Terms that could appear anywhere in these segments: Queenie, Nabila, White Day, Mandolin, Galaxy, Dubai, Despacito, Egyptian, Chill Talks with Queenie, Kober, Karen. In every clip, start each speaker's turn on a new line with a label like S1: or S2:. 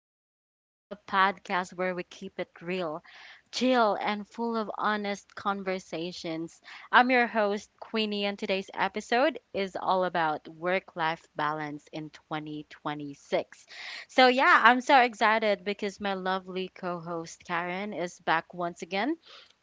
S1: Queenie, the podcast where we keep it real, chill, and full of honest conversations. I'm your host, Queenie, and today's episode is all about work life balance in 2026. So, yeah, I'm so excited because my lovely co host, Karen, is back once again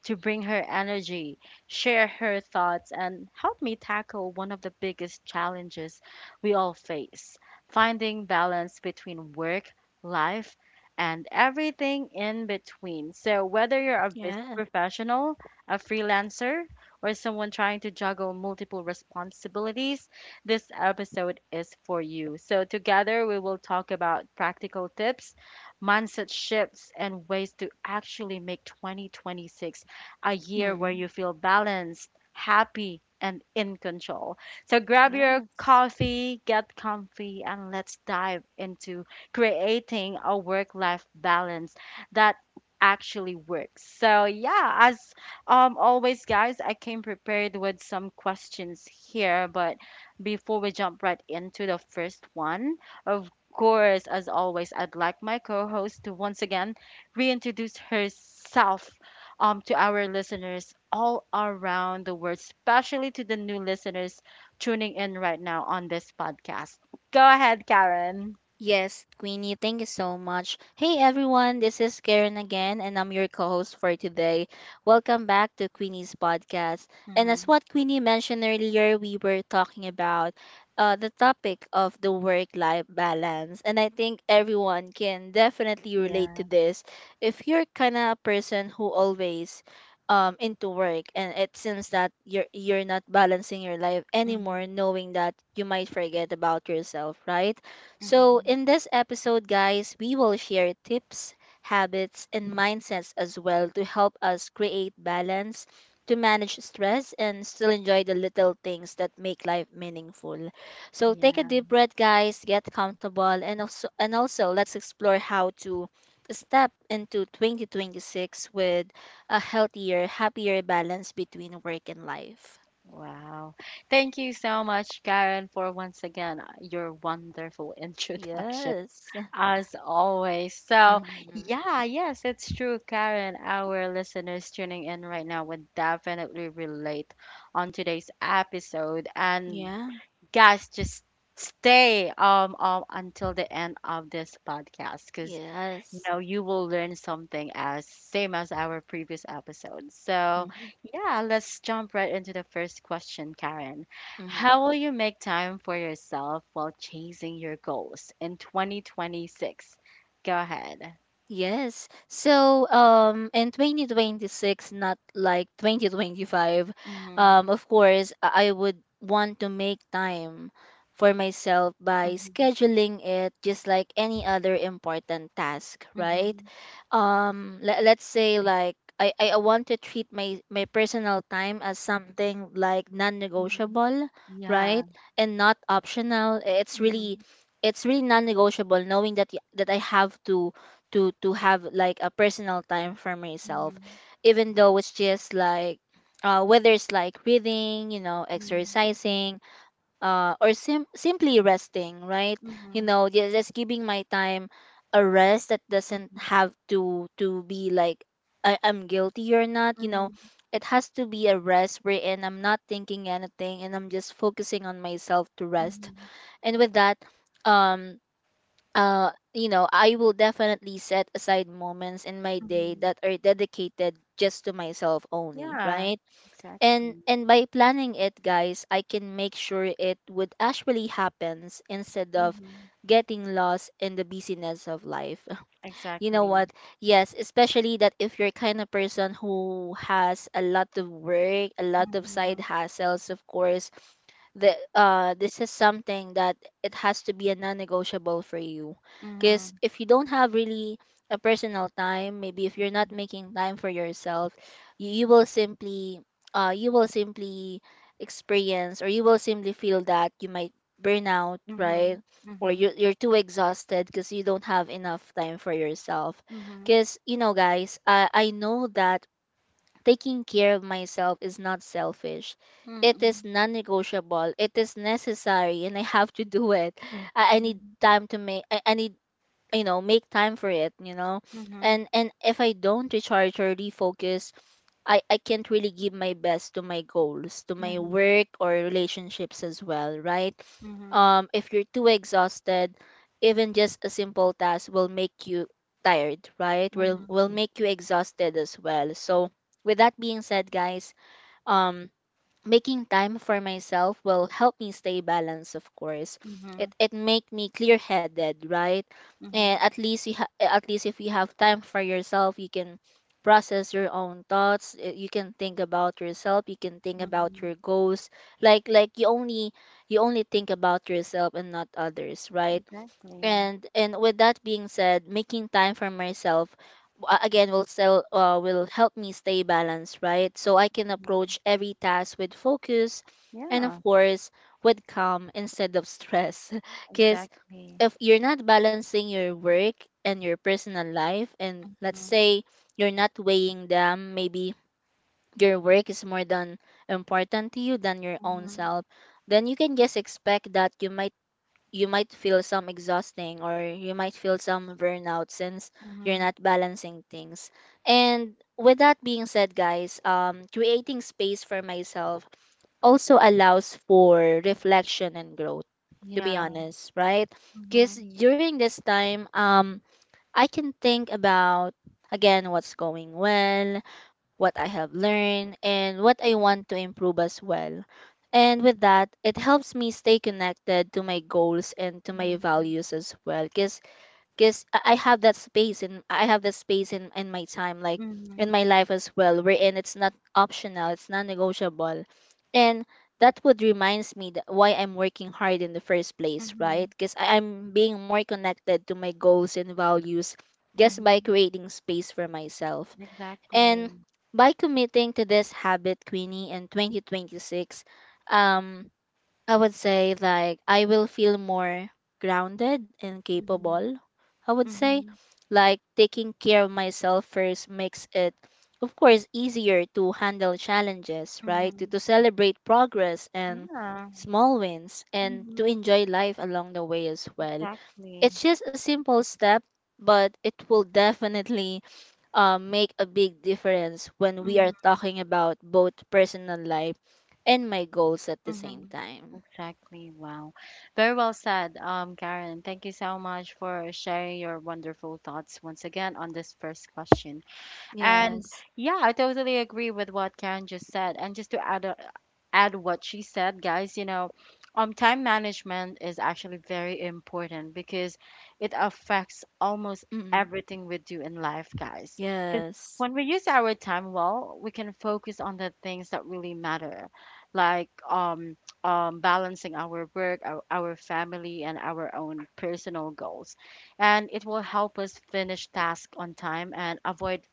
S1: to bring her energy, share her thoughts, and help me tackle one of the biggest challenges we all face finding balance between work, life, and everything in between. So, whether you're a business
S2: Yeah.
S1: professional, a freelancer, or someone trying to juggle multiple responsibilities, this episode is for you. So, together we will talk about practical tips, mindset shifts, and ways to actually make 2026 a year where
S2: Mm.
S1: you feel balanced, happy, and in control. So grab your
S2: Yes.
S1: coffee, get comfy, and let's dive into creating a work life balance that actually works. So, yeah, as always, guys, I came prepared with some questions here, but before we jump right into the first one, of course, as always, I'd like my co host to once again reintroduce herself to our listeners all around the world, especially to the new listeners tuning in right now on this podcast. Go ahead, Karen.
S2: Yes, Queenie, thank you so much. Hey everyone, this is Karen again, and I'm your co host for today. Welcome back to Queenie's podcast. And as
S1: Mhm.
S2: what Queenie mentioned earlier, we were talking about the topic of the work life balance. And I think everyone can definitely relate to
S1: Yeah.
S2: this. If you're kind of a person who always into work, and it seems that you're not balancing your life anymore,
S1: Mhm.
S2: knowing that you might forget about yourself, right? So,
S1: Mhm.
S2: in this episode, guys, we will share tips, habits, and mindsets as well to help us create balance, to manage stress, and still enjoy the little things that make life meaningful. So, take a
S1: Yeah.
S2: deep breath, guys, get comfortable, and also let's explore how to step into 2026 with a healthier, happier balance between work and life.
S1: Wow. Thank you so much, Karen, for once again your wonderful introduction,
S2: Yes.
S1: as always. So,
S2: Mhm.
S1: yeah, yes, it's true, Karen. Our listeners tuning in right now would definitely relate on today's episode. And,
S2: Yeah.
S1: guys, just stay until the end of this podcast because
S2: Yes.
S1: No, you will learn something as same as our previous episode. So,
S2: Mhm.
S1: yeah, let's jump right into the first question, Karen.
S2: Mhm.
S1: How will you make time for yourself while chasing your goals in 2026? Go ahead.
S2: Yes. So, in 2026, not like 2025,
S1: Mm-hmm.
S2: of course, I would want to make time for myself by
S1: Mm-hmm.
S2: scheduling it just like any other important task, right?
S1: Mm-hmm.
S2: Let's say, like I want to treat my personal time as something like
S1: Hmm.
S2: non-negotiable,
S1: Yeah.
S2: right? And not optional.
S1: Mm-hmm.
S2: It's really non-negotiable, knowing that that I have to to have like a personal time for myself,
S1: Mm-hmm.
S2: even though it's just like whether it's like reading, you know, exercising, or simply resting, right? You
S1: Mm-hmm.
S2: know, just giving my time a rest that doesn't
S1: Mm-hmm.
S2: have to be like I'm guilty or not, you know.
S1: Mm-hmm.
S2: It has to be a rest wherein I'm not thinking anything and I'm just focusing on myself to rest.
S1: Mm-hmm.
S2: And with that, um you know, I will definitely set aside moments in my day
S1: Mm-hmm.
S2: that are dedicated just to myself only,
S1: Yeah,
S2: right? And
S1: exactly.
S2: by planning it, guys, I can make sure it would actually happens instead of
S1: Mm-hmm,
S2: getting lost in the busyness of life, you know
S1: exactly.
S2: what? Yes, especially that if you're kind of person who has a lot of work, a lot of side hassles, of course, the this is something that it has to be a non-negotiable for you, because
S1: Mhm.
S2: if you don't have really a personal time, maybe if you're not
S1: Mhm.
S2: making time for yourself, you, you will simply you will simply experience, or you will simply feel that you might burn out, right?
S1: Mhm.
S2: Or
S1: Mhm.
S2: you're too exhausted because you don't have enough time for yourself,
S1: Mhm.
S2: because you know guys I know that taking care of myself is not selfish, it is
S1: Mhm.
S2: non-negotiable, it is necessary, and I have to do it. Mm. I need time to make I need, you know, make time for it, you know.
S1: Mhm.
S2: And if I don't recharge or refocus, I can't really give my best to my goals, to my
S1: Mhm.
S2: work or relationships as well, right?
S1: Mhm.
S2: If you're too exhausted, even just a simple task will make you tired, right?
S1: Mhm.
S2: Will make you exhausted as well. So with that being said, guys, um making time for myself will help me stay balanced, of course.
S1: Mhm.
S2: It make me clear headed, right? And
S1: Mhm.
S2: at least you at least if you have time for yourself, you can process your own thoughts, you can think about yourself, you can think about
S1: Mhm.
S2: your goals, like you only, you only think about yourself and not others, right?
S1: Exactly.
S2: And with that being said, making time for myself again will help me stay balanced, right, so I can
S1: Mhm.
S2: approach every task with focus, and of
S1: Yeah,
S2: course, with calm instead of stress because
S1: exactly.
S2: if you're not balancing your work and your personal life, and let's
S1: Mhm.
S2: say you're not weighing them, maybe your work is more than important to you than your own
S1: Mhm.
S2: self, then you can just expect that you might feel some exhausting, or you might feel some burnout, since you're
S1: Mhm.
S2: not balancing things. And with that being said, guys, creating space for myself also allows for reflection and growth, to be
S1: Yeah.
S2: honest, right? Because
S1: Mhm.
S2: during this time, I can think about, again, what's going well, what I have learned, and what I want to improve as well. And with that, it helps me stay connected to my goals and to my
S1: Mhm.
S2: values as well. Cause, I have that space, and I have that space in my time, like in
S1: Mhm.
S2: my life as well, wherein it's not optional, it's non-negotiable. And that would reminds me that why I'm working hard in the first
S1: Mhm.
S2: place, right?
S1: Mhm.
S2: Because I'm being more connected to my goals and values just by
S1: Mhm.
S2: creating space for myself. And
S1: Exactly.
S2: by committing to this habit, Queenie, in 2026, um, I would say like I will feel more grounded and
S1: Mhm.
S2: capable. I would say
S1: Mhm.
S2: like taking care of myself first makes it, of course, easier to handle challenges, right?
S1: Mhm.
S2: To celebrate progress and
S1: Yeah.
S2: small wins and to
S1: Mhm,
S2: enjoy life along the way as well.
S1: exactly.
S2: It's just a simple step, but it will definitely make a big difference when we are
S1: Mhm.
S2: talking about both personal life and my goals at the same
S1: Mm-hmm.
S2: time.
S1: Exactly. Wow. Very well said, Karen. Thank you so much for sharing your wonderful thoughts once again on this first question. And
S2: Yes.
S1: yeah, I totally agree with what Karen just said. And just to add what she said, guys, you know, time management is actually very important because it affects almost
S2: Mm.
S1: everything we do in life, guys. Because
S2: Yes.
S1: when we use our time well, we can focus on the things that really matter, like balancing our work, our family, and our own personal goals. And it will help us finish tasks on time and avoid,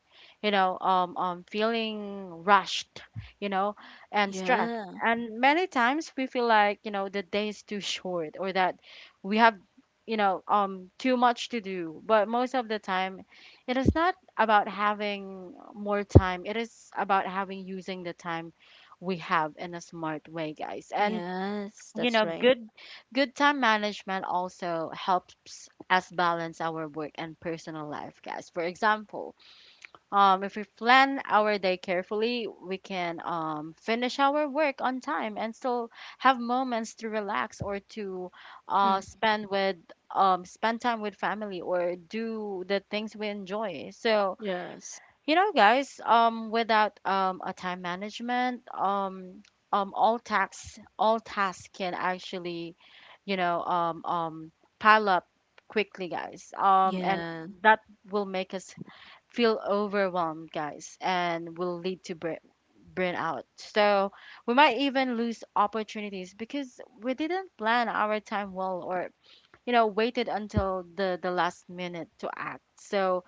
S1: you know, feeling rushed, you know, and stressed,
S2: Yeah.
S1: and many times we feel like, you know, the day is too short or that we have, you know, too much to do. But most of the time, it is not about having more time. It is about having using the time we have in a smart way, guys. And
S2: Yes.
S1: you
S2: That's
S1: know,
S2: right.
S1: good time management also helps us balance our work and personal life, guys. For example, if we plan our day carefully, we can finish our work on time and still have moments to relax or to
S2: Mm.
S1: spend with spend time with family or do the things we enjoy. So,
S2: Yes.
S1: you know, guys, without a time management, all tasks can actually, you know, pile up quickly, guys. And
S2: Yeah.
S1: that will make us feel overwhelmed, guys, and will lead to burnout. So we might even lose opportunities because we didn't plan our time well or you know waited until the last minute to act. So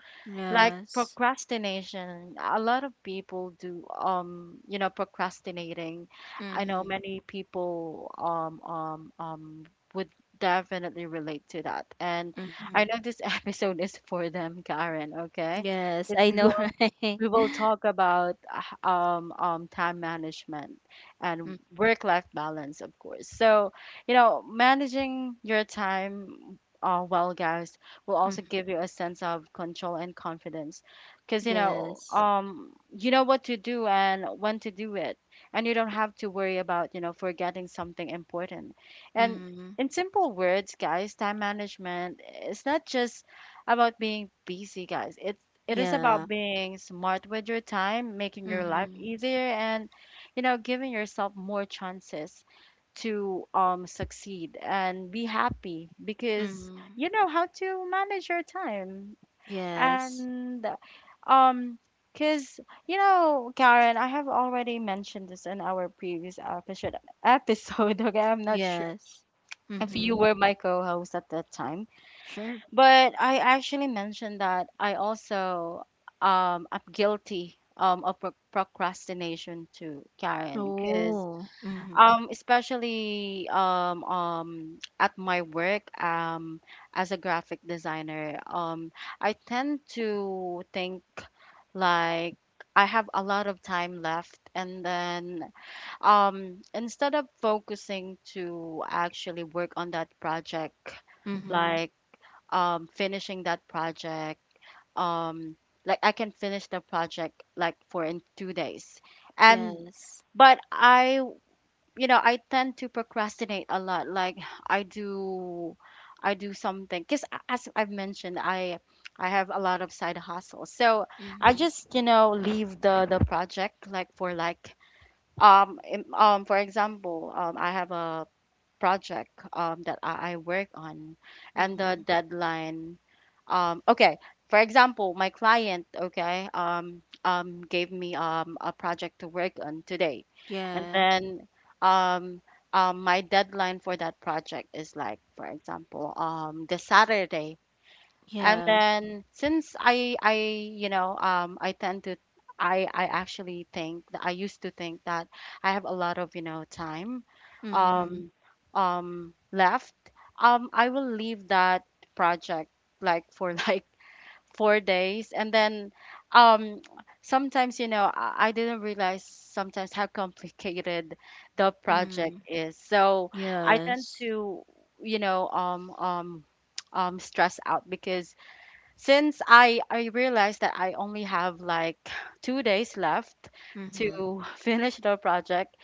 S1: like
S2: Yes.
S1: procrastination, a lot of people do, um, you know, procrastinating. I know
S2: Mm-hmm.
S1: many people would definitely relate to that, and I
S2: Mm-hmm.
S1: know this episode is for them, Karen, okay,
S2: Yes.
S1: because
S2: I
S1: we
S2: know,
S1: will
S2: right?
S1: we will talk about time management and work-life balance, of course. So, you know, managing your time, well, guys, will also
S2: Mm-hmm.
S1: give you a sense of control and confidence because
S2: Yes.
S1: you know what to do and when to do it, and you don't have to worry about, you know, forgetting something important. And
S2: Mm-hmm.
S1: in simple words, guys, time management is not just about being busy, guys. It is
S2: Yeah.
S1: about being smart with your time, making your life
S2: Mm-hmm.
S1: easier, and you know, giving yourself more chances to um, succeed and be happy because
S2: Mm-hmm.
S1: you know how to manage your time.
S2: Yes.
S1: And um, because you know, Karen, I have already mentioned this in our previous episode okay, I'm not sure
S2: Yes.
S1: if you
S2: Mm-hmm.
S1: were my co-host at that time,
S2: Sure.
S1: but I actually mentioned that I also um, am guilty um, of procrastination to Karen because
S2: Oh. Mhm.
S1: especially at my work, as a graphic designer, I tend to think like I have a lot of time left, and then instead of focusing to actually work on that project,
S2: Mhm.
S1: like finishing that project, um, like I can finish the project like for in 2 days, and
S2: Yes.
S1: but I you know, I tend to procrastinate a lot. Like, i do I do something because as I've mentioned, I have a lot of side hustles. So I
S2: Mhm.
S1: just, you know, leave the project like for like for example um, I have a project that I work on, and the
S2: Mhm.
S1: deadline okay, for example my client okay gave me a project to work on today and
S2: Yeah.
S1: then um, my deadline for that project is like for example the Saturday. And
S2: Yeah.
S1: then since I you know um, I tend to I actually think that I used to think that I have a lot of you know, time
S2: Mhm.
S1: um left, um, I will leave that project like for like 4 days and then um, sometimes you know I didn't realize sometimes how complicated the project
S2: Mhm.
S1: is. So I tend
S2: Yes.
S1: to you know stress out because since I realized that I only have like 2 days left
S2: Mhm.
S1: to finish the project,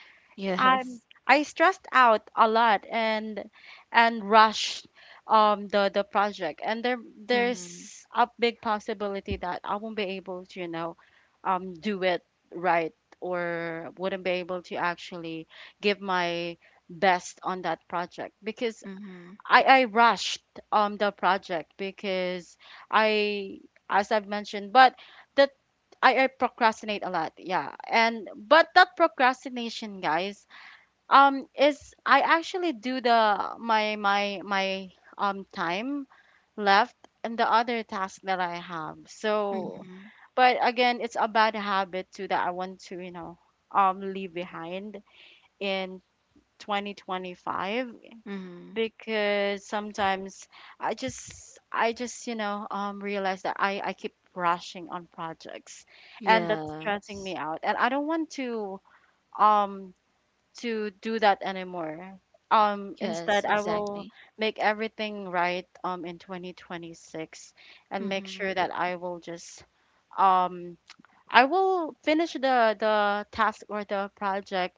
S1: I'm
S2: Yes.
S1: I stressed out a lot, and rushed um, the project, and
S2: Mhm.
S1: there's a big possibility that I won't be able to you know um, do it right, or wouldn't be able to actually give my best on that project because
S2: Mhm.
S1: I rushed um, the project because I, as I've mentioned, but that I procrastinate a lot, yeah. And but that procrastination, guys, is I actually do the my my um, time left and the other task that I have. So,
S2: Mhm.
S1: but again, it's a bad habit too that I want to you know um, leave behind in 2025
S2: Mhm.
S1: because sometimes I just you know um, realize that I keep rushing on projects, and that's
S2: Yeah.
S1: stressing me out, and I don't want to um, to do that anymore. Um,
S2: Yes,
S1: instead I will
S2: exactly.
S1: make everything right um, in 2026, and make
S2: Mhm.
S1: sure that I will just um, I will finish the task or the project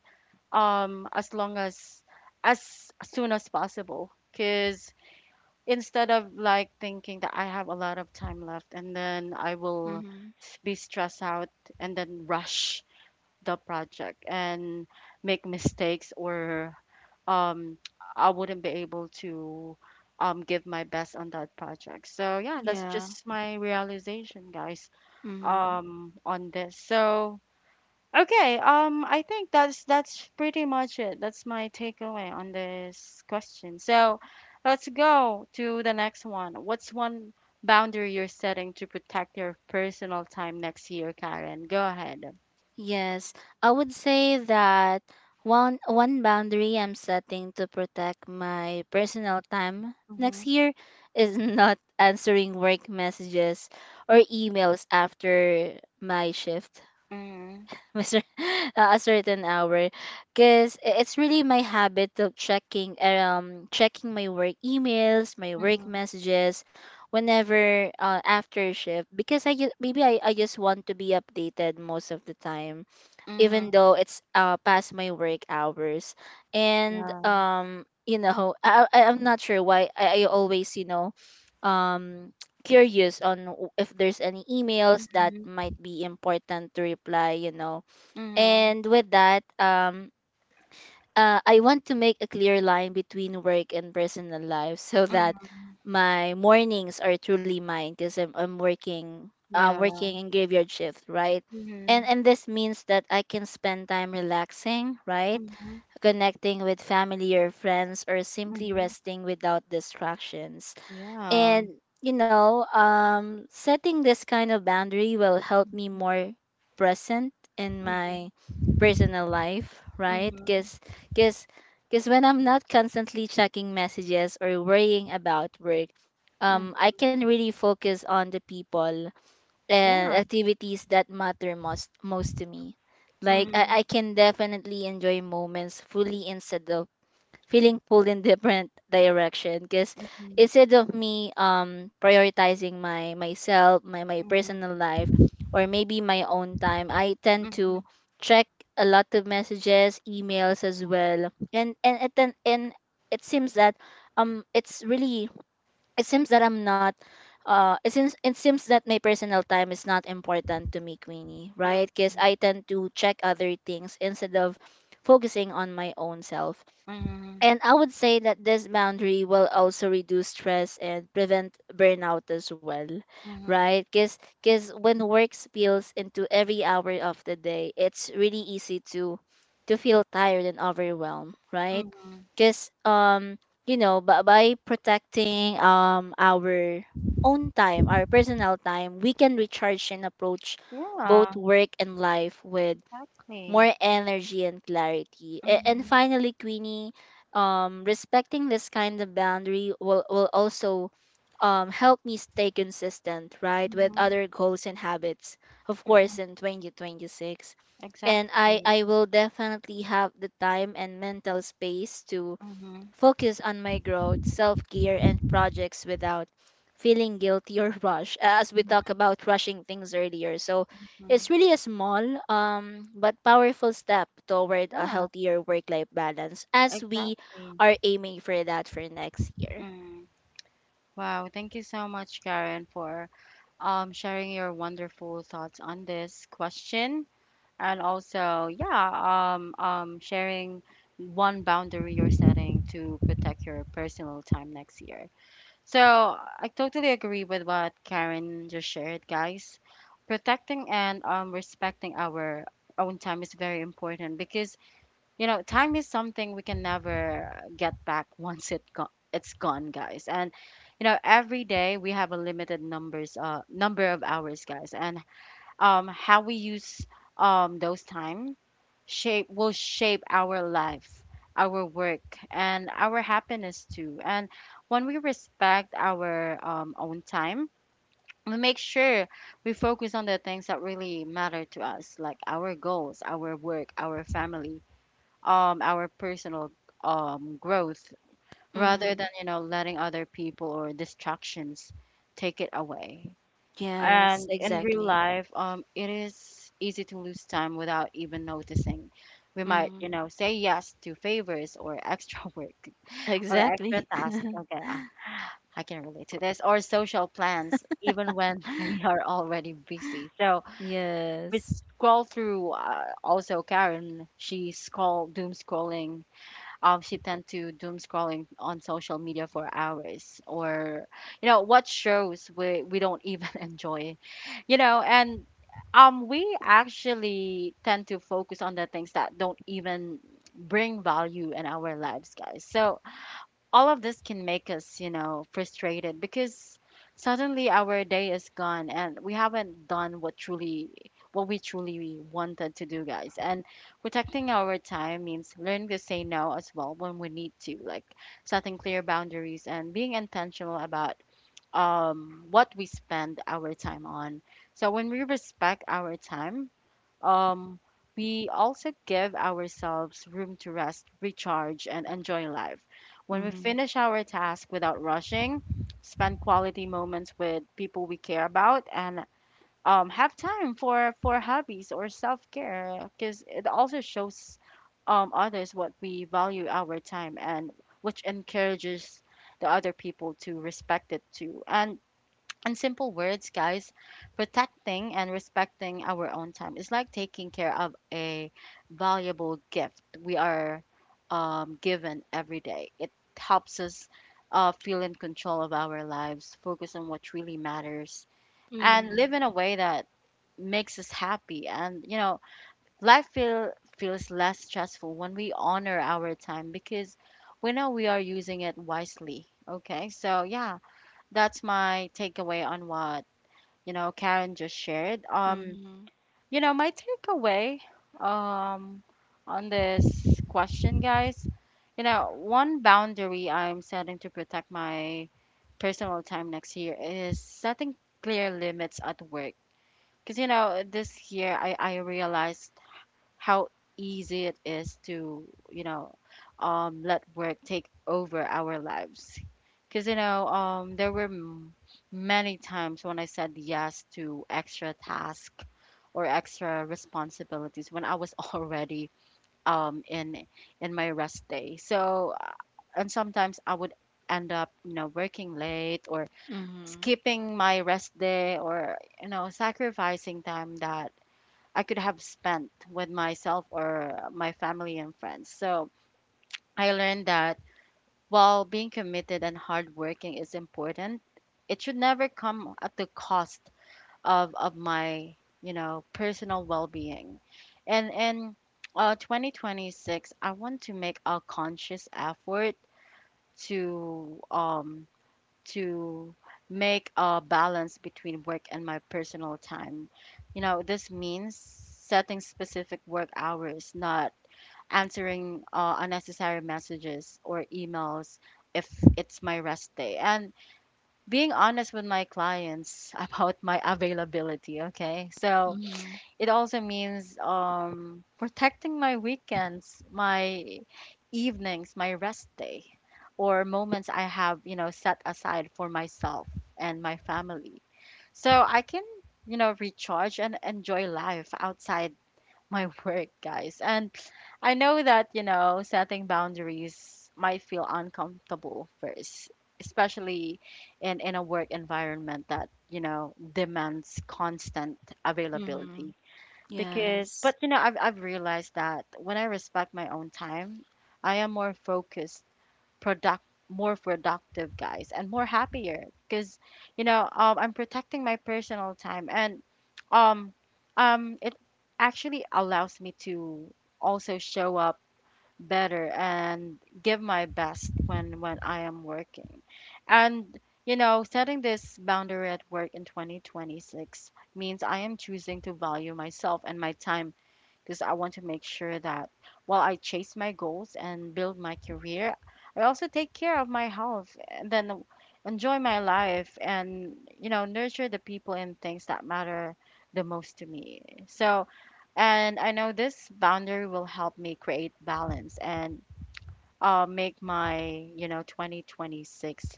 S1: um, as long as soon as possible, because instead of like thinking that I have a lot of time left, and then I will
S2: Mhm.
S1: be stressed out and then rush the project and make mistakes or um, I wouldn't be able to um, give my best on that project. So yeah, that's
S2: Yeah.
S1: just my realization, guys,
S2: Mhm.
S1: um, on this. So okay, I think that's pretty much it. That's my takeaway on this question. So let's go to the next one. What's one boundary you're setting to protect your personal time next year, Karen? Go ahead.
S2: Yes, I would say that one boundary I'm setting to protect my personal time next
S1: Mm-hmm.
S2: year is not answering work messages or emails after my shift.
S1: Mm-hmm.
S2: Mister a certain hour, because it's really my habit of checking checking my work emails, my work
S1: Mm-hmm.
S2: messages whenever, after shift, because I just maybe I just want to be updated most of the time,
S1: Mm-hmm.
S2: even though it's past my work hours. And
S1: Yeah.
S2: you know, I'm not sure why I always, you know, curious on if there's any emails that
S1: Mm-hmm.
S2: might be important to reply, you know. And with that, I want to make a clear line between work and personal life so
S1: Mm-hmm.
S2: that
S1: Mm-hmm.
S2: my mornings are truly mine, because I'm working, I'm
S1: Yeah.
S2: working in graveyard shift, right?
S1: Mm-hmm.
S2: And this means that I can spend time relaxing, right?
S1: Mm-hmm.
S2: Connecting with family or friends, or simply
S1: Mm-hmm.
S2: resting without distractions.
S1: Yeah.
S2: And you know, setting this kind of boundary will help me more present in
S1: Mm-hmm.
S2: my personal life,
S1: Mm-hmm.
S2: right? Because
S1: Mm-hmm.
S2: because when I'm not constantly checking messages or worrying about work, I can really focus on the people and
S1: Yeah.
S2: activities that matter most to me, like
S1: Mm-hmm.
S2: I can definitely enjoy moments fully instead of feeling pulled in different direction. Because instead of me prioritizing my myself, my personal
S1: Mm-hmm.
S2: life, or maybe my own time, I tend
S1: Mm-hmm.
S2: to check a lot of messages, emails as well. And it seems that it's really, it seems that I'm not it seems that my personal time is not important to me, Queenie, right? Because
S1: Mhm.
S2: I tend to check other things instead of focusing on my own self.
S1: Mhm.
S2: And I would say that this boundary will also reduce stress and prevent burnout as well,
S1: Mhm.
S2: right? Because when work spills into every hour of the day, it's really easy to feel tired and overwhelmed, right?
S1: Mhm.
S2: Because you know, by protecting our own time, our personal time, we can recharge and approach
S1: Yeah,
S2: both work and life with
S1: exactly.
S2: more energy and clarity. And
S1: Mhm.
S2: finally, Queenie, respecting this kind of boundary will also help me stay consistent, right, with
S1: Mhm.
S2: other goals and habits, of
S1: Mhm.
S2: course, in 2026. And
S1: Exactly.
S2: I will definitely have the time and mental space to
S1: Mhm.
S2: focus on my growth, self care, and projects without feeling guilty or rush. As we talk
S1: Mhm.
S2: about rushing things earlier, so
S1: Mhm.
S2: it's really a small but powerful step toward a
S1: Yeah,
S2: healthier work life balance, as we
S1: exactly.
S2: are aiming for that for next year.
S1: Mm. Wow, thank you so much, Karen, for sharing your wonderful thoughts on this question, and also yeah sharing one boundary you're setting to protect your personal time next year. So I totally agree with what Karen just shared, guys. Protecting and respecting our own time is very important because you know time is something we can never get back once it it's gone, guys. And you know every day we have a limited numbers number of hours, guys. And how we use those time shape will shape our life, our work, and our happiness too. And when we respect our own time, we make sure we focus on the things that really matter to us, like our goals, our work, our family, our personal growth, rather than
S2: Mm-hmm.
S1: letting other people or distractions take it away.
S2: Yes,
S1: And in real
S2: exactly.
S1: life, it is easy to lose time without even noticing. We might,
S2: Mm-hmm.
S1: you know, say yes to favors or extra work or extra
S2: Exactly.
S1: tasks. Okay, ah, I can relate to this. Or social plans, even when we are already busy. So we
S2: Yes.
S1: scroll through. Also, Karen, she scroll doom scrolling she tend to doom scrolling on social media for hours, or you know, what shows we don't even enjoy. You know, and we actually tend to focus on the things that don't even bring value in our lives, guys. So all of this can make us, you know, frustrated, because suddenly our day is gone and we haven't done what we truly wanted to do, guys. And protecting our time means learning to say no as well when we need to, like setting clear boundaries and being intentional about what we spend our time on. So when we respect our time, um, we also give ourselves room to rest, recharge, and enjoy life. When we
S2: Mm-hmm.
S1: finish our task without rushing, spend quality moments with people we care about, and have time for hobbies or self care, because it also shows others what we value our time, and which encourages the other people to respect it too. And in simple words, guys, protecting and respecting our own time is like taking care of a valuable gift we are given every day. It helps us feel in control of our lives, focus on what really matters, and live
S2: Mm-hmm.
S1: in a way that makes us happy. And you know, life feel feels less stressful when we honor our time because we know we are using it wisely. Okay, so yeah, that's my takeaway on what, you know, Karen just shared. You know, my takeaway um, on this question, guys, you know, one boundary I'm setting to protect my personal time next year is setting clear limits at work. Because, you know, this year I realized how easy it is to you know let work take over our lives. Because you know, there were many times when I said yes to extra tasks or extra responsibilities when I was already um, in in my rest day. And sometimes I would end up, you know, working late or
S2: Mm-hmm. Mm-hmm.
S1: skipping my rest day or you know, sacrificing time that I could have spent with myself or my family and friends. So I learned that while being committed and hardworking is important, it should never come at the cost of my, you know, personal well-being. And in 2026, I want to make a conscious effort to um, to make a balance between work and my personal time. You know, this means setting specific work hours, not answering unnecessary messages or emails if it's my rest day, and being honest with my clients about my availability. Okay, so
S2: Mm-hmm.
S1: it also means protecting my weekends, my evenings, my rest day, or moments I have, you know, set aside for myself and my family. So I can, you know, recharge and enjoy life outside my work, guys. And I know that, you know, setting boundaries might feel uncomfortable first, especially in a work environment that, you know, demands constant
S2: Mm-hmm.
S1: availability. because
S2: Yes.
S1: but you know, I've realized that when I respect my own time, I am more focused, product more productive, guys, and more happier, because you know, I'm protecting my personal time and um it actually allows me to also show up better and give my best when I am working. And you know, setting this boundary at work in 2026 means I am choosing to value myself and my time, because I want to make sure that while I chase my goals and build my career, I also take care of my health and then enjoy my life and you know, nurture the people and things that matter the most to me. So, and I know this boundary will help me create balance and make my, you know, 2026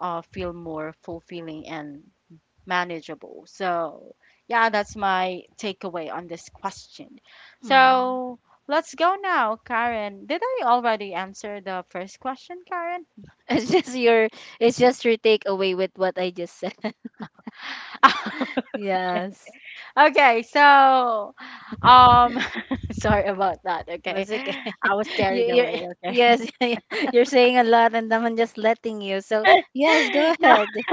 S1: feel more fulfilling and manageable. So, yeah, that's my takeaway on this question.
S2: Mm.
S1: So, let's go now, Karen. Did I already answer the first question, Karen?
S2: It's just your it's just your takeaway with what I just said. Yes.
S1: Okay, so um sorry about that, okay?
S2: That's okay.
S1: I was
S2: You,
S1: carried
S2: you,
S1: away, okay?
S2: you're, you're saying a lot and I'm just letting you. So, yes, go
S1: No,
S2: ahead.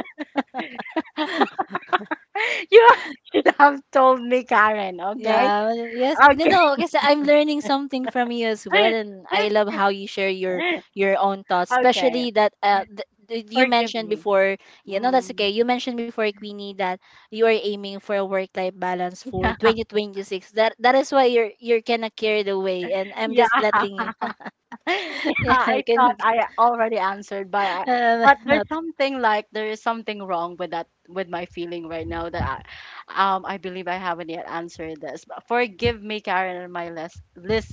S1: you should have told me, Karen, okay?
S2: Yeah, well, yes. No,
S1: Okay.
S2: no, Because I'm learning something from you as well, and I love how you share your own thoughts,
S1: Okay,
S2: especially that you
S1: forgive
S2: mentioned
S1: me.
S2: before. You know, that's okay.
S1: Mm,
S2: You mentioned before, Queenie, that you are aiming for a work-life balance for
S1: yeah,
S2: 2026. That is why you're kind of carried away, and I'm
S1: yeah.
S2: just letting it.
S1: Yeah,
S2: I
S1: I thought
S2: can,
S1: I already answered, by but there's
S2: not,
S1: something like, there is something wrong with that, with my feeling right now, that I believe I haven't yet answered this. But forgive me, Karen, and my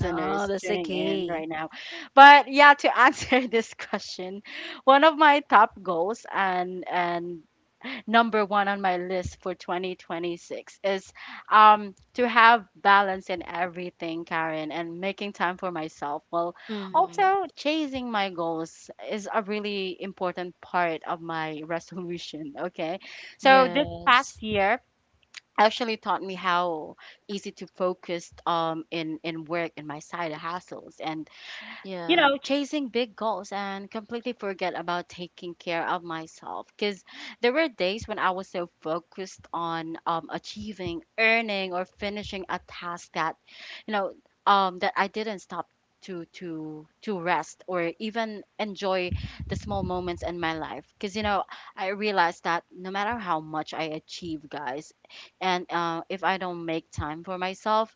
S2: no, that's
S1: tuning
S2: okay.
S1: in right now. But yeah, to answer this question, one of my top goals and number one on my list for 2026 is to have balance in everything, Karen, and making time for myself. Well,
S2: Mm,
S1: also chasing my goals is a really important part of my resolution. Okay, so this
S2: yes.
S1: past year actually taught me how easy to focus in work and my side hustles and you
S2: Yeah.
S1: know, chasing big goals and completely forget about taking care of myself. Because there were days when I was so focused on achieving, earning, or finishing a task that, you know, that I didn't stop to rest or even enjoy the small moments in my life. Because you know, I realized that no matter how much I achieve, guys, and if I don't make time for myself,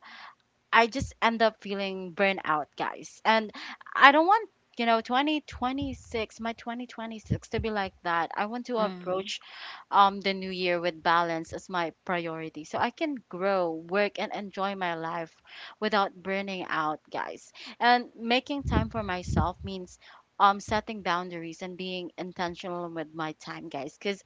S1: I just end up feeling burnt out, guys. And I don't want, you know, my 2026 to be like that. I want to
S2: Mm,
S1: approach the new year with balance as my priority, so I can grow, work, and enjoy my life without burning out, guys. And making time for myself means. Setting boundaries and being intentional with my time, guys. Because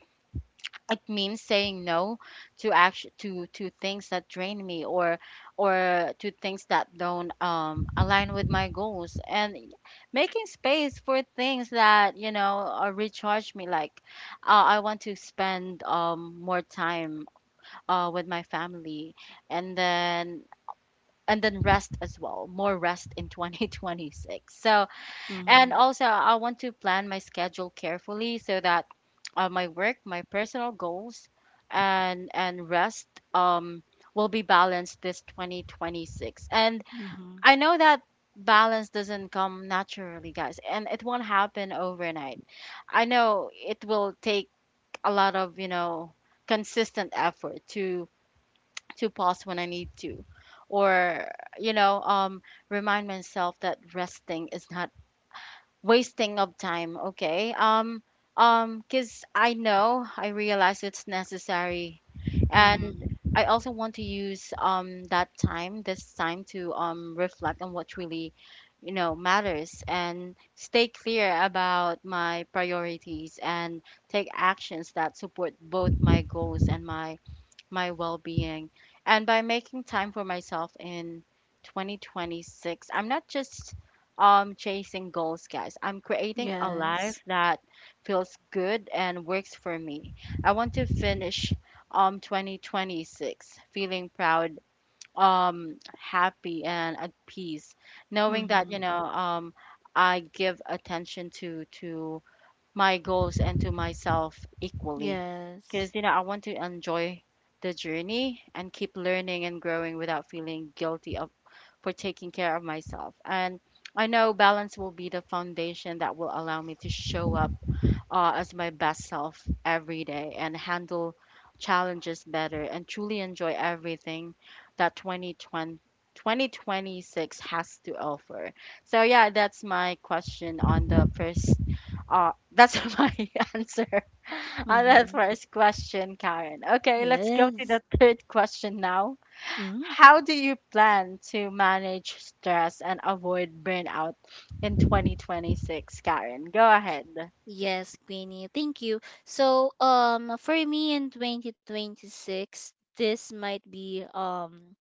S1: it means saying no to act to things that drain me, or to things that don't align with my goals, and making space for things that you know, recharge me. Like I want to spend more time with my family, and then and then rest as well, more rest in 2026. So and
S2: mm-hmm,
S1: also, I want to plan my schedule carefully so that my work, my personal goals, and rest will be balanced this 2026. And
S2: mm-hmm,
S1: I know that balance doesn't come naturally, guys, and it won't happen overnight. I know it will take a lot of, you know, consistent effort to pause when I need to, or you know, remind myself that resting is not wasting of time, okay. Because I know, I realize it's necessary.
S2: mm,
S1: And I also want to use that time, this time, to reflect on what really, you know, matters and stay clear about my priorities, and take actions that support both my goals and my well being. And by making time for myself in 2026, I'm not just chasing goals, guys. I'm creating a
S2: yes.
S1: life that feels good and works for me. I want to finish 2026 feeling proud, happy, and at peace, knowing that, you
S2: Mm-hmm.
S1: know, I give attention to my goals and to myself equally, because
S2: Yes.
S1: you know, I want to enjoy the journey and keep learning and growing without feeling guilty of for taking care of myself. And I know balance will be the foundation that will allow me to show up as my best self every day and handle challenges better and truly enjoy everything that 2026 has to offer. So yeah, that's my question on the first that's my answer on that
S2: Mm-hmm.
S1: first question, Karen. Okay,
S2: Yes.
S1: let's go to the third question now.
S2: Mm-hmm.
S1: How do you plan to manage stress and avoid burnout in 2026, Karen? Go ahead.
S2: Yes, Queenie. Thank you. So, for me in 2026, this might be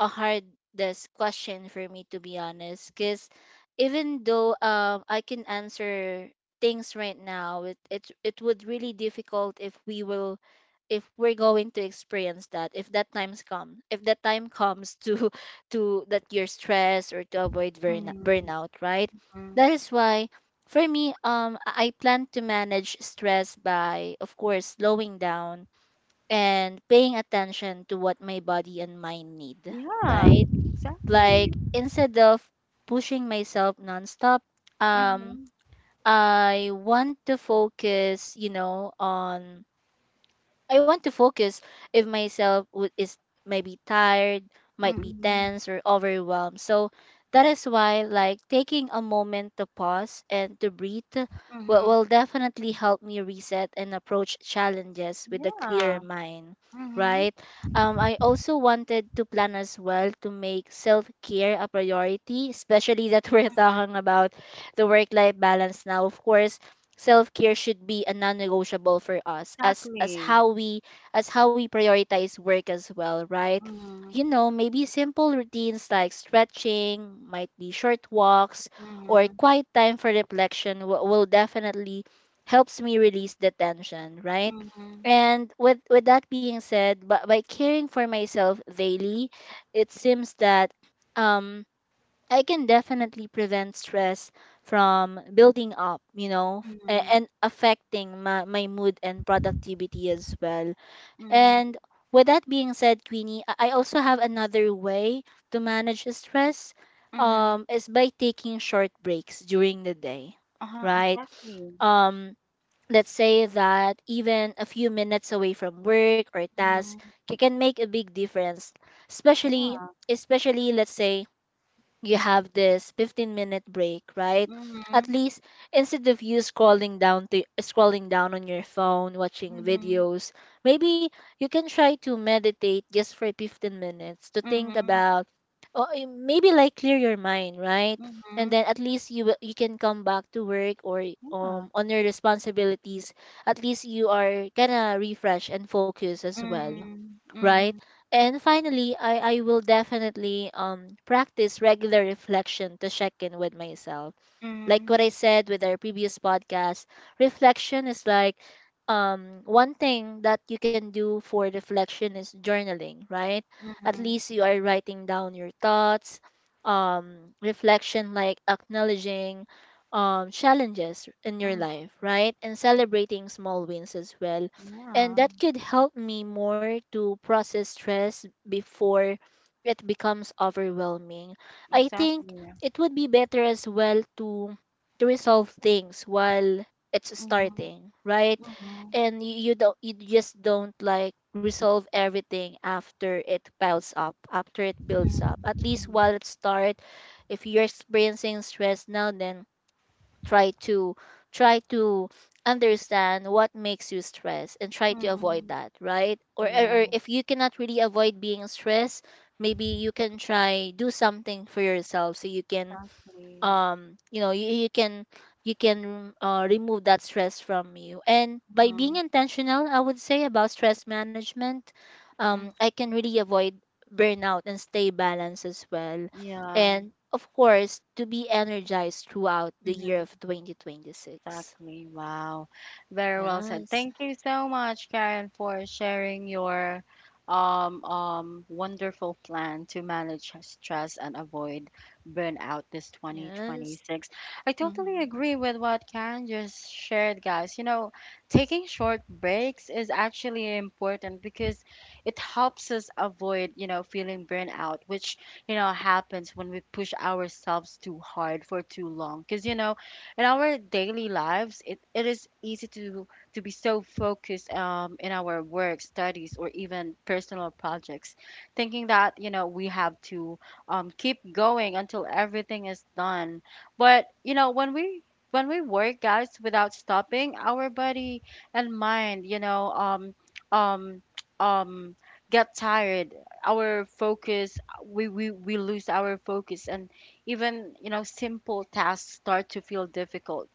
S2: a hardest question for me to be honest because even though I can answer things right now it would really difficult if we're going to experience that if that time comes to to that you're stressed or to avoid
S1: Mhm,
S2: burnout, right?
S1: mm.
S2: That is why for me I plan to manage stress by, of course, slowing down and paying attention to what my body and mind need,
S1: Yeah,
S2: right? Like
S1: exactly.
S2: instead of pushing myself nonstop, um
S1: Mhm,
S2: I want to focus, you know, on I want to focus if myself would is maybe tired, might be
S1: mhm,
S2: tense or overwhelmed. So that is why, like, taking a moment to pause and to breathe
S1: mhm.
S2: will definitely help me reset and approach challenges with a clearer
S1: Yeah.
S2: mind.
S1: Mhm,
S2: Right. I also wanted to plan as well to make self care a priority, especially that we're talking about the work life balance now. Of course, self care should be a non-negotiable for us as
S1: exactly.
S2: how we as how we prioritize work as well, right?
S1: Mhm,
S2: You know, maybe simple routines like stretching might be short walks or
S1: mhm,
S2: quiet time for reflection will definitely helps me release the tension, right?
S1: mhm,
S2: And with that being said, but by caring for myself daily, it seems that um I can definitely prevent stress from building up, you know,
S1: mhm,
S2: and affecting my mood and productivity as well.
S1: mhm,
S2: And with that being said, Queenie, I also have another way to manage the stress,
S1: mhm.
S2: is by taking short breaks during the day,
S1: Uh-huh,
S2: right?
S1: exactly.
S2: um let's say that even a few minutes away from work or task
S1: Mhm,
S2: can make a big difference, especially
S1: yeah.
S2: especially let's say you have this 15-minute break, right? At
S1: Mhm,
S2: least, instead of you scrolling down on your phone watching
S1: mhm,
S2: videos, maybe you can try to meditate just for 15 minutes to think
S1: mhm,
S2: about or maybe like clear your mind, right? And
S1: mhm.
S2: then at least you can come back to work or
S1: Yeah.
S2: on your responsibilities, at least you are kind of refresh and focus as well,
S1: Mhm,
S2: right?
S1: mhm,
S2: And finally, I will definitely practice regular reflection to check in with myself. Like
S1: mhm,
S2: what I said with our previous podcast, reflection is like one thing that you can do for reflection is journaling, right? At
S1: mhm,
S2: least you are writing down your thoughts, reflection like acknowledging challenges in your
S1: mhm.
S2: life, right? And celebrating small wins as well. And
S1: Yeah,
S2: that could help me more to process stress before it becomes overwhelming. I think
S1: exactly.
S2: it would be better as well to resolve things while it's
S1: Mhm,
S2: starting, right?
S1: mhm,
S2: And you don't, you just don't like resolve everything after it piles up, after it builds
S1: mhm,
S2: up. At least
S1: mhm,
S2: while it start, if you're experiencing stress now, then try to try to understand what makes you stressed and try to avoid
S1: mhm.
S2: that, right? Or
S1: Yeah.
S2: if you cannot really avoid being stressed, maybe you can try do something for yourself so you can
S1: Exactly.
S2: um you know you, you can you can remove that stress from you. And by being
S1: Mhm.
S2: intentional, I would say, about stress management,
S1: Mm,
S2: I can really avoid burnout and stay balanced as well,
S1: yeah.
S2: and of course to be energized throughout the year
S1: Mhm.
S2: of 2026.
S1: Exactly. Wow. Very well said.
S2: Yes.
S1: Thank you so much, Karen, for sharing your wonderful plan to manage stress and avoid burnout this
S2: Yes.
S1: 2026. I totally
S2: Mm-hmm.
S1: agree with what Karen just shared, guys. You know, taking short breaks is actually important because it helps us avoid, you know, feeling burnout, which, you know, happens when we push ourselves too hard for too long. Because, you know, in our daily lives it is easy to be so focused in our work studies or even personal projects thinking that you know we have to keep going until everything is done. But you know when we work, guys, without stopping our body and mind, you know, um um get tired, our focus, we lose our focus, and even, you know, simple tasks start to feel difficult.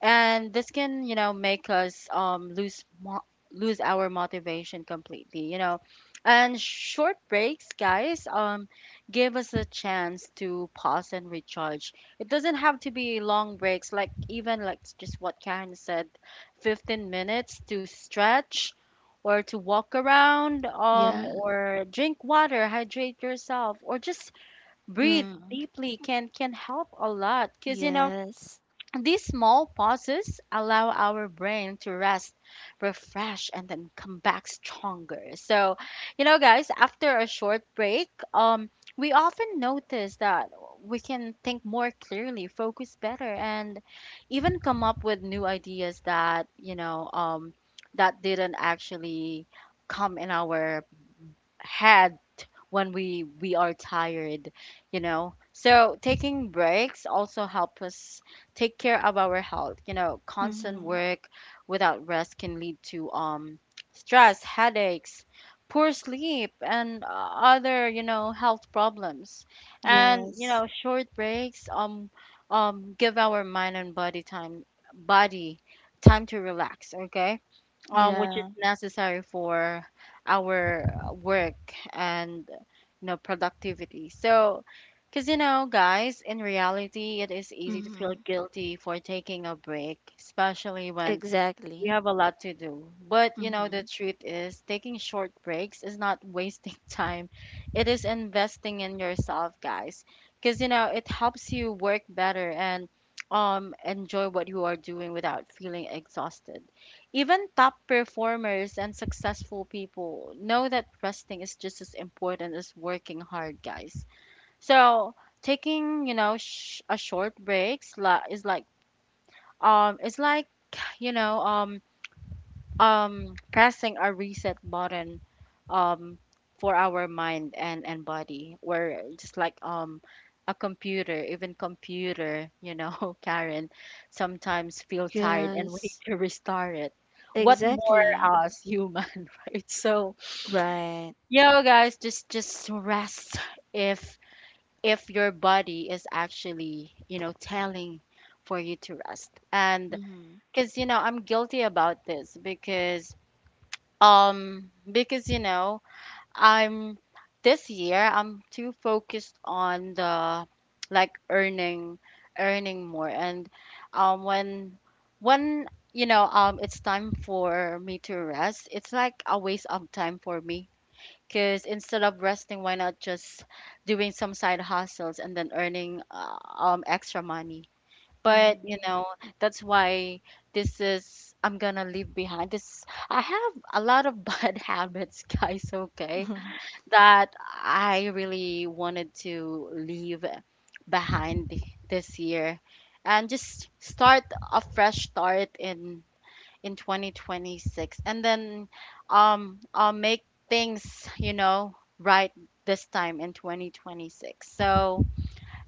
S1: And this can, you know, make us lose our motivation completely, you know. And short breaks, guys, give us a chance to pause and recharge. It doesn't have to be long breaks, like even like just what Karen said, 15 minutes to stretch or to walk around,
S2: Yeah.
S1: or drink water, hydrate yourself, or just breathe
S2: Mm,
S1: deeply, can help a lot. Because, you know,
S2: yes.
S1: these small pauses allow our brain to rest, refresh, and then come back stronger. So, you know, guys, after a short break, we often notice that we can think more clearly, focus better, and even come up with new ideas that, you know, that didn't actually come in our had when we are tired, you know. So taking breaks also help us take care of our health. You know, constant
S2: Mm-hmm.
S1: work without rest can lead to stress, headaches, poor sleep, and other, you know, health problems. And, you
S2: Yes.
S1: know, short breaks give our mind and body time, body time to relax, okay, which is
S2: Yeah.
S1: necessary for our work and, you know, productivity. So, because you know, guys, in reality, it is easy to feel
S2: Mm-hmm.
S1: guilty for taking a break, especially when we
S2: Exactly.
S1: have a lot to do. But you know, the
S2: Mm-hmm.
S1: truth is, taking short breaks is not wasting time. It is investing in yourself, guys. Because you know, it helps you work better and enjoy what you are doing without feeling exhausted. Even top performers and successful people know that resting is just as important as working hard, guys. So, taking, you know, a short breaks is like it's like, you know, pressing a reset button um for our mind and body. We're just like a computer. Even computer, you know, Karen, sometimes feel tired and we need
S2: Yes,
S1: to restart it, what more
S2: exactly.
S1: us human, right? So
S2: Right.
S1: yeah, guys, just rest if your body is actually, you know, telling for you to rest. And
S2: Mm-hmm.
S1: because you know I'm guilty about this, because you know, I'm this year I'm too focused on the like earning, earning more. And um when when you know, it's time for me to rest, it's like a waste of time for me. Because instead of resting, why not just doing some side hustles and then earning extra money? But you
S2: Mm-hmm.
S1: know, that's why this is I'm gonna leave behind this. I have a lot of bad habits, guys, okay, that I really wanted to leave behind this year and just start a fresh start in 2026. And then I'll make things, you know, right this time in 2026. So,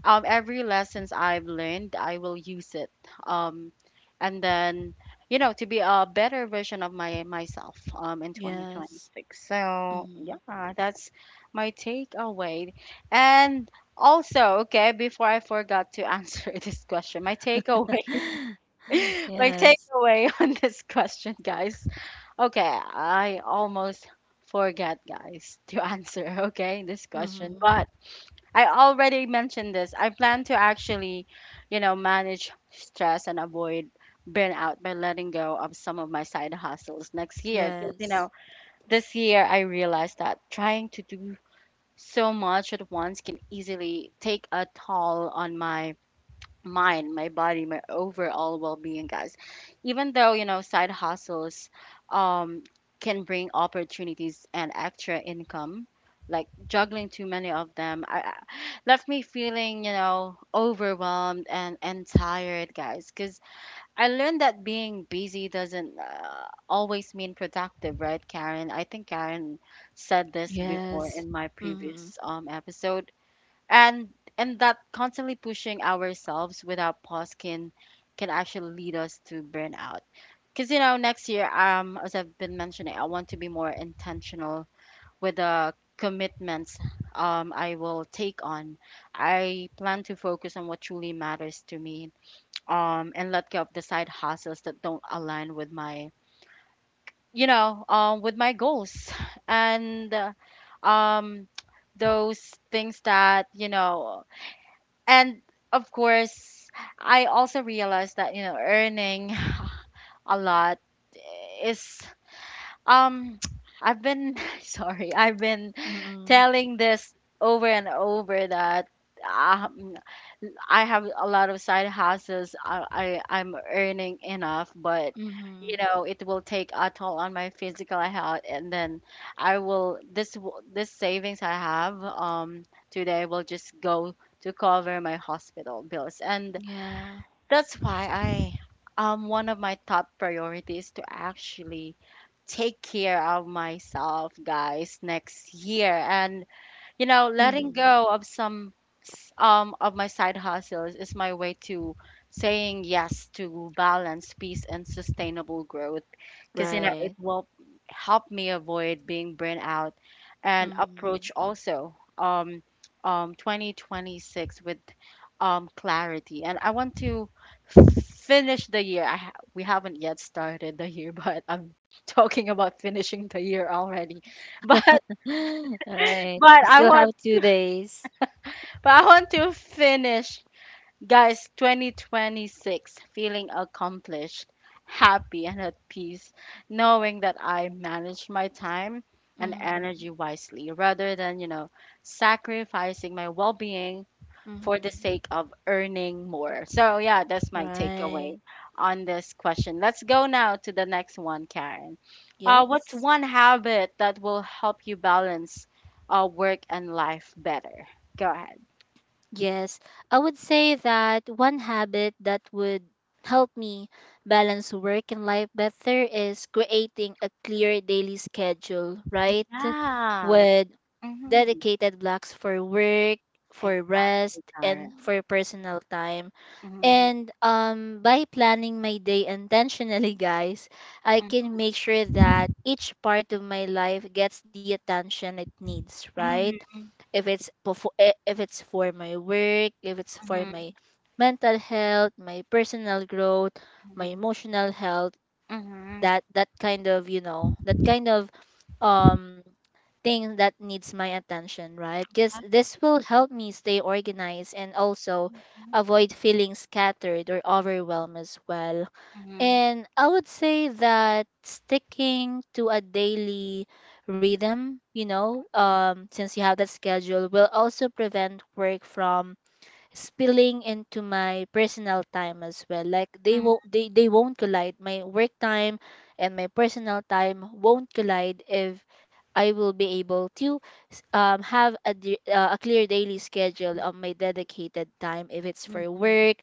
S1: every lessons I've learned, I will use it. Um, and then, you know, to be a better version of my myself in
S2: Yes.
S1: 2026. So
S2: Mm-hmm.
S1: yeah, that's my takeaway. And also, okay, before I forgot to answer this question, my takeaway, my
S2: Yes.
S1: takeaway on this question, guys. Okay, I almost forget, guys, to answer. Okay, this question,
S2: Mm-hmm.
S1: but I already mentioned this. I plan to actually, you know, manage stress and avoid burnout by letting go of some of my side hustles next year. Because, you
S2: Yes.
S1: know, this year I realized that trying to do so much at once can easily take a toll on my mind, my body, my overall well-being, guys. Even though, you know, side hustles um can bring opportunities and extra income, like juggling too many of them left me feeling, you know, overwhelmed and tired, guys, cuz I learned that being busy doesn't always mean productive, right, Karen? I think Karen said this before
S2: Yes.
S1: in my
S2: Mm-hmm.
S1: previous episode. And and that constantly pushing ourselves without pause can actually lead us to burnout. Because you know next year, as I've been mentioning, I want to be more intentional with the commitments I will take on. I plan to focus on what truly matters to me, and let go of the side hustles that don't align with my, you know, with my goals. And um those things that you know and Of course, I also realized that, you know, earning a lot is um I've been sorry, I've been
S2: Mm-mm.
S1: telling this over and over that um, I have a lot of side hustles. I'm earning enough, but
S2: Mm-hmm.
S1: you know it will take a toll on my physical health. And then I will this savings I have today will just go to cover my hospital bills, and
S2: Yeah.
S1: that's why I one of my top priorities to actually take care of myself, guys, next year. And you know, letting
S2: Mm-hmm.
S1: go of some of my side hustles is my way to saying yes to balance, peace, and sustainable growth. Because you know, it
S2: Right.
S1: will help me avoid being burnt out and
S2: Mm-hmm.
S1: approach also 2026 with clarity. And I want to finish the year. I ha We haven't yet started the year, but I'm talking about finishing the year already. But
S2: Right.
S1: but
S2: You
S1: I
S2: still have
S1: want
S2: two days.
S1: but I want to finish, guys, 2026, feeling accomplished, happy, and at peace, knowing that I managed my time and
S2: Mm-hmm.
S1: energy wisely rather than, you know, sacrificing my well being for the
S2: Mm-hmm.
S1: sake of earning more. So, yeah, that's my takeaway
S2: Right.
S1: on this question. Let's go now to the next one, Karen. What's
S2: Yes.
S1: one habit that will help you balance work and life better? Go ahead.
S2: Yes, I would say that one habit that would help me balance work and life better is creating a clear daily schedule, right?
S1: Yeah.
S2: With
S1: Mhm.
S2: dedicated blocks for work, for rest,
S1: Exactly,
S2: and
S1: Karen.
S2: for personal time.
S1: Mhm.
S2: And by planning my day intentionally, guys, I
S1: Mhm.
S2: can make sure that each part of my life gets the attention it needs, right?
S1: Mhm.
S2: If it's for my work, if it's for
S1: Mhm.
S2: my mental health, my personal growth, my
S1: Mhm.
S2: emotional health,
S1: Mhm.
S2: that kind of, you know, that kind of um thing that needs my attention, right? Cuz this
S1: Exactly.
S2: will help me stay organized and also
S1: Mhm.
S2: avoid feeling scattered or overwhelmed as well.
S1: Mhm.
S2: And I would say that sticking to a daily rhythm, you know, since you have that schedule, will also prevent work from spilling into my personal time as well. Like
S1: Mhm.
S2: they won't collide. My work time and my personal time won't collide if I will be able to have a, a clear daily schedule of my dedicated time, if it's
S1: Mhm.
S2: for
S1: Mhm.
S2: work,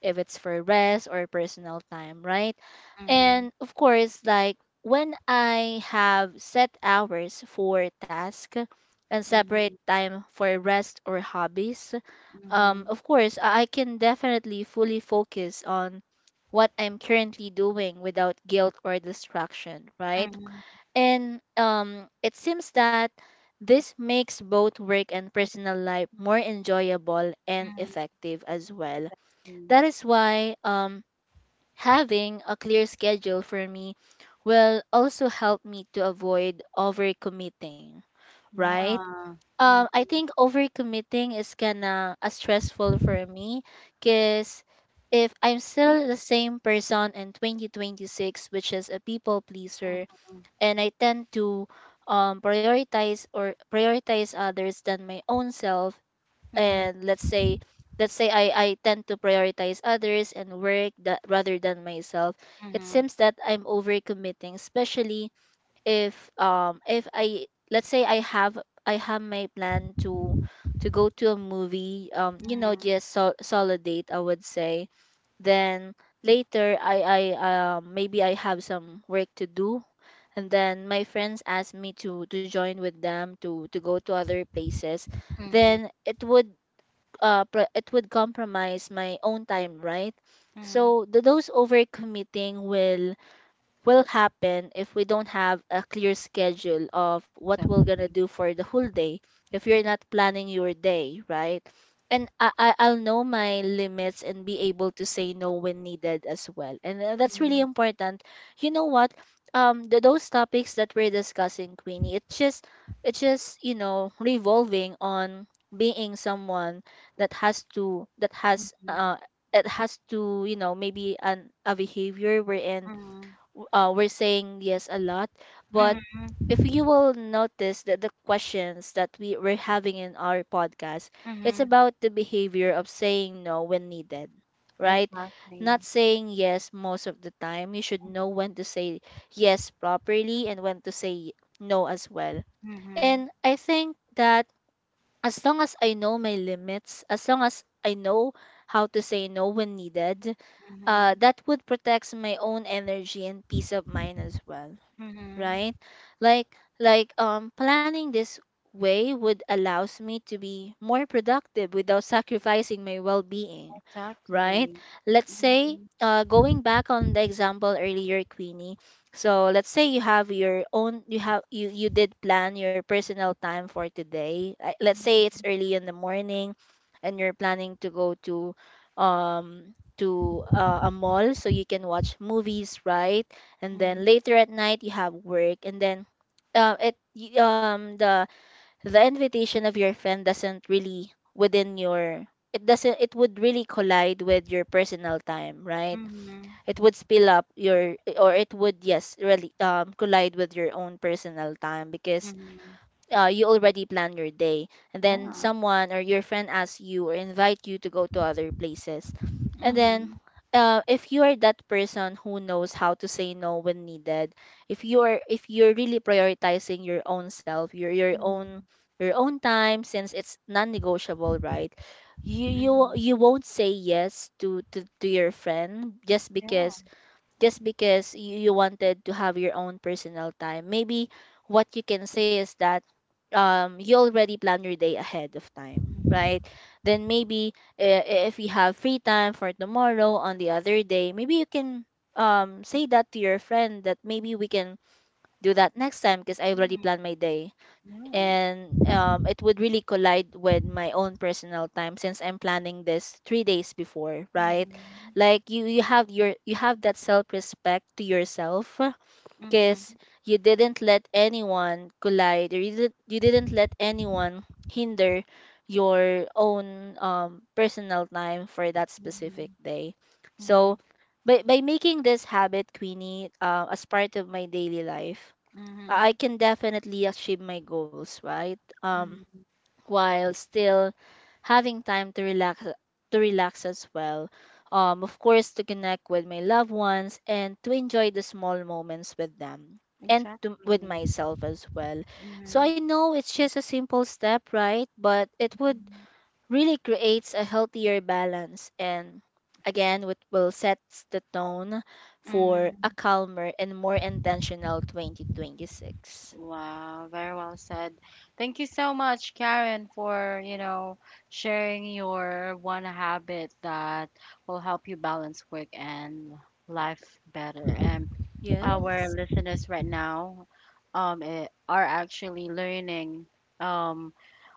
S2: if it's for rest or personal time, right?
S1: Mhm.
S2: And of course, like when I have set hours for task and separate
S1: Mhm.
S2: time for rest or hobbies,
S1: Mhm.
S2: of course, I can definitely fully focus on what I'm currently doing without guilt or distraction, right?
S1: Mhm.
S2: And it seems that this makes both work and personal life more enjoyable and effective as well.
S1: Mhm.
S2: That is why, having a clear schedule for me will also help me to avoid overcommitting, right?
S1: Yeah. Mhm.
S2: I think overcommitting is kind of stressful for me because if I'm still the same person in 2026, which is a people pleaser,
S1: Mhm.
S2: and I tend to prioritize others than my own self.
S1: Mhm.
S2: And let's say I tend to prioritize others and work that rather than myself. It
S1: Mhm.
S2: seems that I'm overcommitting, especially if I let's say I have my plan to go to a movie, you know,
S1: Mhm.
S2: just solid date, I would say. Then later I maybe I have some work to do, and then my friends asked me to join with them to go to other places.
S1: Mhm.
S2: Then it would it would compromise my own time, right?
S1: Mhm.
S2: So those overcommitting will happen if we don't have a clear schedule of what we're gonna
S1: Exactly.
S2: do for the whole day if you're not
S1: Mhm.
S2: planning your day right. And I'll know my limits and be able to say no when needed as well, and that's really
S1: Mhm.
S2: important. You know what, those topics that we're discussing, Queenie, it's just you know, revolving on being someone that has
S1: Mhm.
S2: it has to you know, maybe an a behavior wherein
S1: Mhm.
S2: we're saying yes a lot, but if you will notice that the questions that we were having in our podcast, it's
S1: Mhm.
S2: about the behavior of saying no when needed, right? Not
S1: Exactly.
S2: saying yes most of the time. You should
S1: Mhm.
S2: know when to say yes properly and when to say no as well.
S1: Mhm.
S2: And I think that as long as I know my limits, as long as I know how to say no when needed,
S1: Mhm.
S2: that would protect my own energy and peace of mind as well,
S1: Mhm.
S2: right? Like planning this way would allows me to be more productive without sacrificing my well-being, right?
S1: Exactly.
S2: Let's say,
S1: Mhm.
S2: going back on the example earlier, Queenie. So let's say you have your own, you did plan your personal time for today. Like, let's say it's early in the morning and you're planning to go um to a mall so you can watch movies, right? And
S1: Mhm.
S2: then later at night you have work, and then um it y- um the the invitation of your friend doesn't really within your, it doesn't, it would really collide with your personal time, right?
S1: Mhm.
S2: It would spill up your, or it would, yes, really collide with your own personal time because
S1: Mhm.
S2: you already plan your day, and then
S1: Yeah.
S2: someone or your friend asks you or invite you to go to other places. And then
S1: Mhm.
S2: if you are that person who knows how to say no when needed, if you're really prioritizing your own self,
S1: Mhm.
S2: your own time, since it's non-negotiable, right? You
S1: Mhm.
S2: won't say yes to to your friend just
S1: Yeah.
S2: because you, you wanted to have your own personal time. Maybe what you can say is that you already plan your day ahead of time,
S1: Mhm.
S2: right? Then maybe uh, if you have free time for tomorrow on the other day, maybe you can say that to your friend that maybe we can do that next time because I already
S1: Mhm.
S2: planned my day,
S1: Yeah.
S2: and it would really collide with my own personal time since I'm planning this three days before, right?
S1: Mhm.
S2: Like you have you have that self respect to yourself because
S1: Mhm.
S2: you didn't let anyone collide or you didn't let anyone hinder your own personal time for that specific
S1: Mhm.
S2: day. So
S1: Mhm.
S2: by making this habit, Queenie, as part of my daily life I
S1: Mhm.
S2: can definitely achieve my goals, right? Um,
S1: Mhm.
S2: while still having time to relax as well. Of course, to connect with my loved ones and to enjoy the small moments with them and to, with
S1: Exactly.
S2: myself as well. So
S1: Mhm.
S2: I know it's just a simple step, right? But it would really creates a healthier balance and again, it will set the tone for a
S1: Mhm.
S2: calmer and more intentional 2026.
S1: Wow, very well said. Thank you so much, Karen, for, you know, sharing your one habit that will help you balance work and life better. And our
S2: Yes.
S1: listeners right now are actually learning um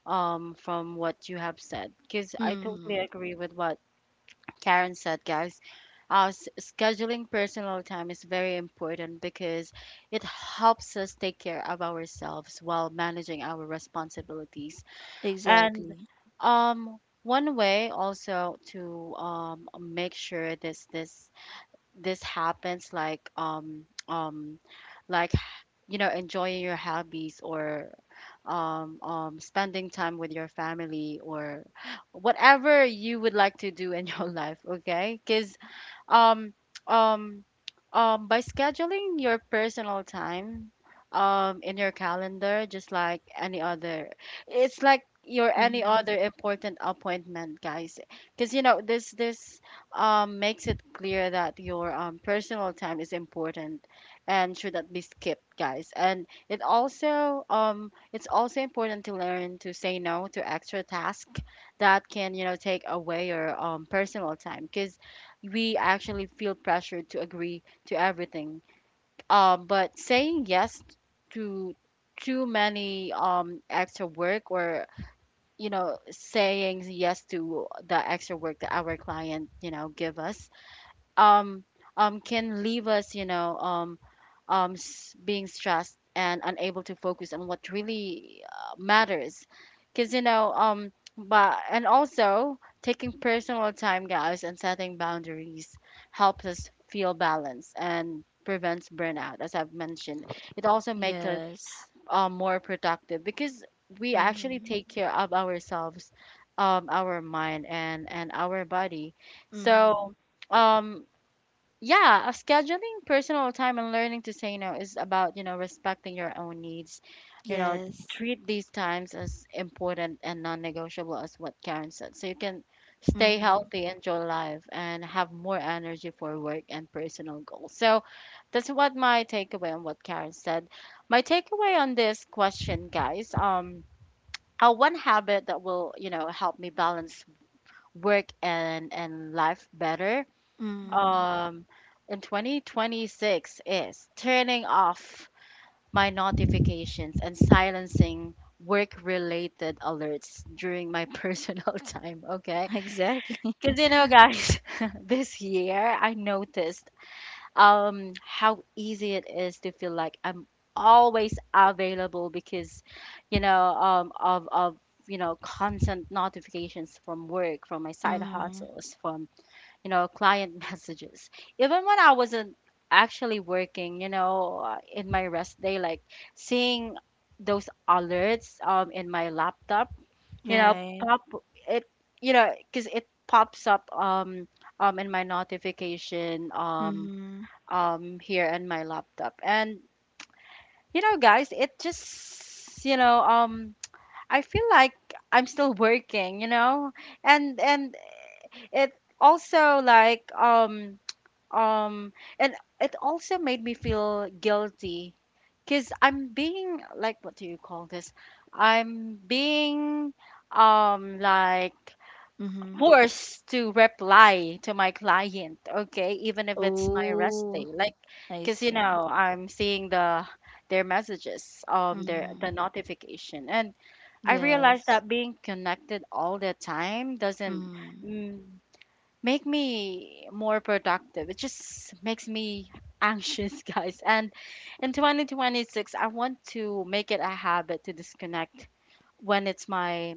S1: from what you have said, because I totally
S2: Mm-hmm.
S1: agree with what Karen said, guys. Scheduling personal time is very important because it helps us take care of ourselves while managing our responsibilities. And
S2: Exactly.
S1: one way also to, make sure this happens, like like, you know, enjoying your hobbies or spending time with your family or whatever you would like to do in your life, okay. Because um um by scheduling your personal time in your calendar just like any other, it's like your any
S2: Mm-hmm.
S1: other important appointment, guys, because you know this makes it clear that your personal time is important and should not be skipped, guys. And it also, it's also important to learn to say no to extra tasks that can, you know, take away your personal time, because we actually feel pressured to agree to everything. But saying yes to too many extra work, or you know, saying yes to the extra work that our client, you know, give us, um can leave us, you know, being stressed and unable to focus on what really matters. Because you know, but and also taking personal time, guys, and setting boundaries helps us feel balanced and prevents burnout, as I've mentioned. It also makes us
S2: Yes.
S1: more productive because we actually
S2: Mm-hmm.
S1: take care of ourselves, our mind and our body.
S2: Mm-hmm.
S1: So um yeah, scheduling personal time and learning to say no is about, you know, respecting your own needs. You know,
S2: Yes.
S1: treat these times as important and non-negotiable as what Karen said. So you can stay
S2: Mm-hmm.
S1: healthy, enjoy life, and have more energy for work and personal goals. So that's what my takeaway on what Karen said. My takeaway on this question, guys, one habit that will, you know, help me balance work and life better
S2: Mm-hmm.
S1: um in 2026 is turning off my notifications and silencing work related alerts during my personal time, okay.
S2: Exactly.
S1: Because you know, guys, this year I noticed how easy it is to feel like I'm always available, because you know, of you know, constant notifications from work, from my side
S2: Mm-hmm.
S1: hustles, from, you know, client messages. Even when I wasn't actually working, in my rest day, like seeing those alerts in my laptop, you know,
S2: Right.
S1: pop it, you know, because it pops up in my notification
S2: Mm-hmm.
S1: here in my laptop. And, you know, guys, it just, you know, I feel like I'm still working, you know, and it also like um um and it also made me feel guilty because I'm being like, what do you call this, I'm being um like
S2: Mm-hmm.
S1: forced to reply to my client, okay, even if it's my rest day.
S2: Oh,
S1: Like,
S2: I
S1: because you
S2: see.
S1: know, I'm seeing the, their messages, their,
S2: Mm-hmm.
S1: the notification. And I realized
S2: Yes.
S1: that being connected all the time doesn't,
S2: Mm-hmm.
S1: mm, make me more productive. It just makes me anxious, guys. And in 2026, I want to make it a habit to disconnect when it's my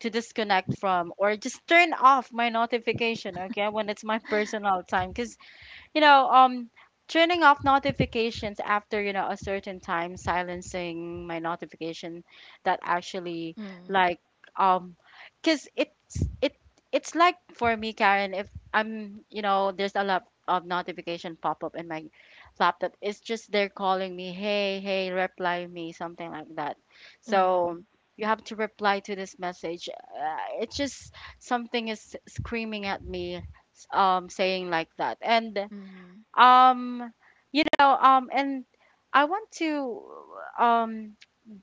S1: to disconnect from, or just turn off my notification, okay, when it's my personal time. Cuz you know, um, turning off notifications after, you know, a certain time, silencing my notification that actually
S2: Mm-hmm.
S1: like um because it's like, for me, Karen, if I'm, you know, there's a lot of notification pop up in my laptop. It's just they're calling me, hey, hey, reply me, something like that.
S2: Mm-hmm.
S1: So you have to reply to this message. It's just something is screaming at me, saying like that. And
S2: Mm-hmm.
S1: um you know and I want to um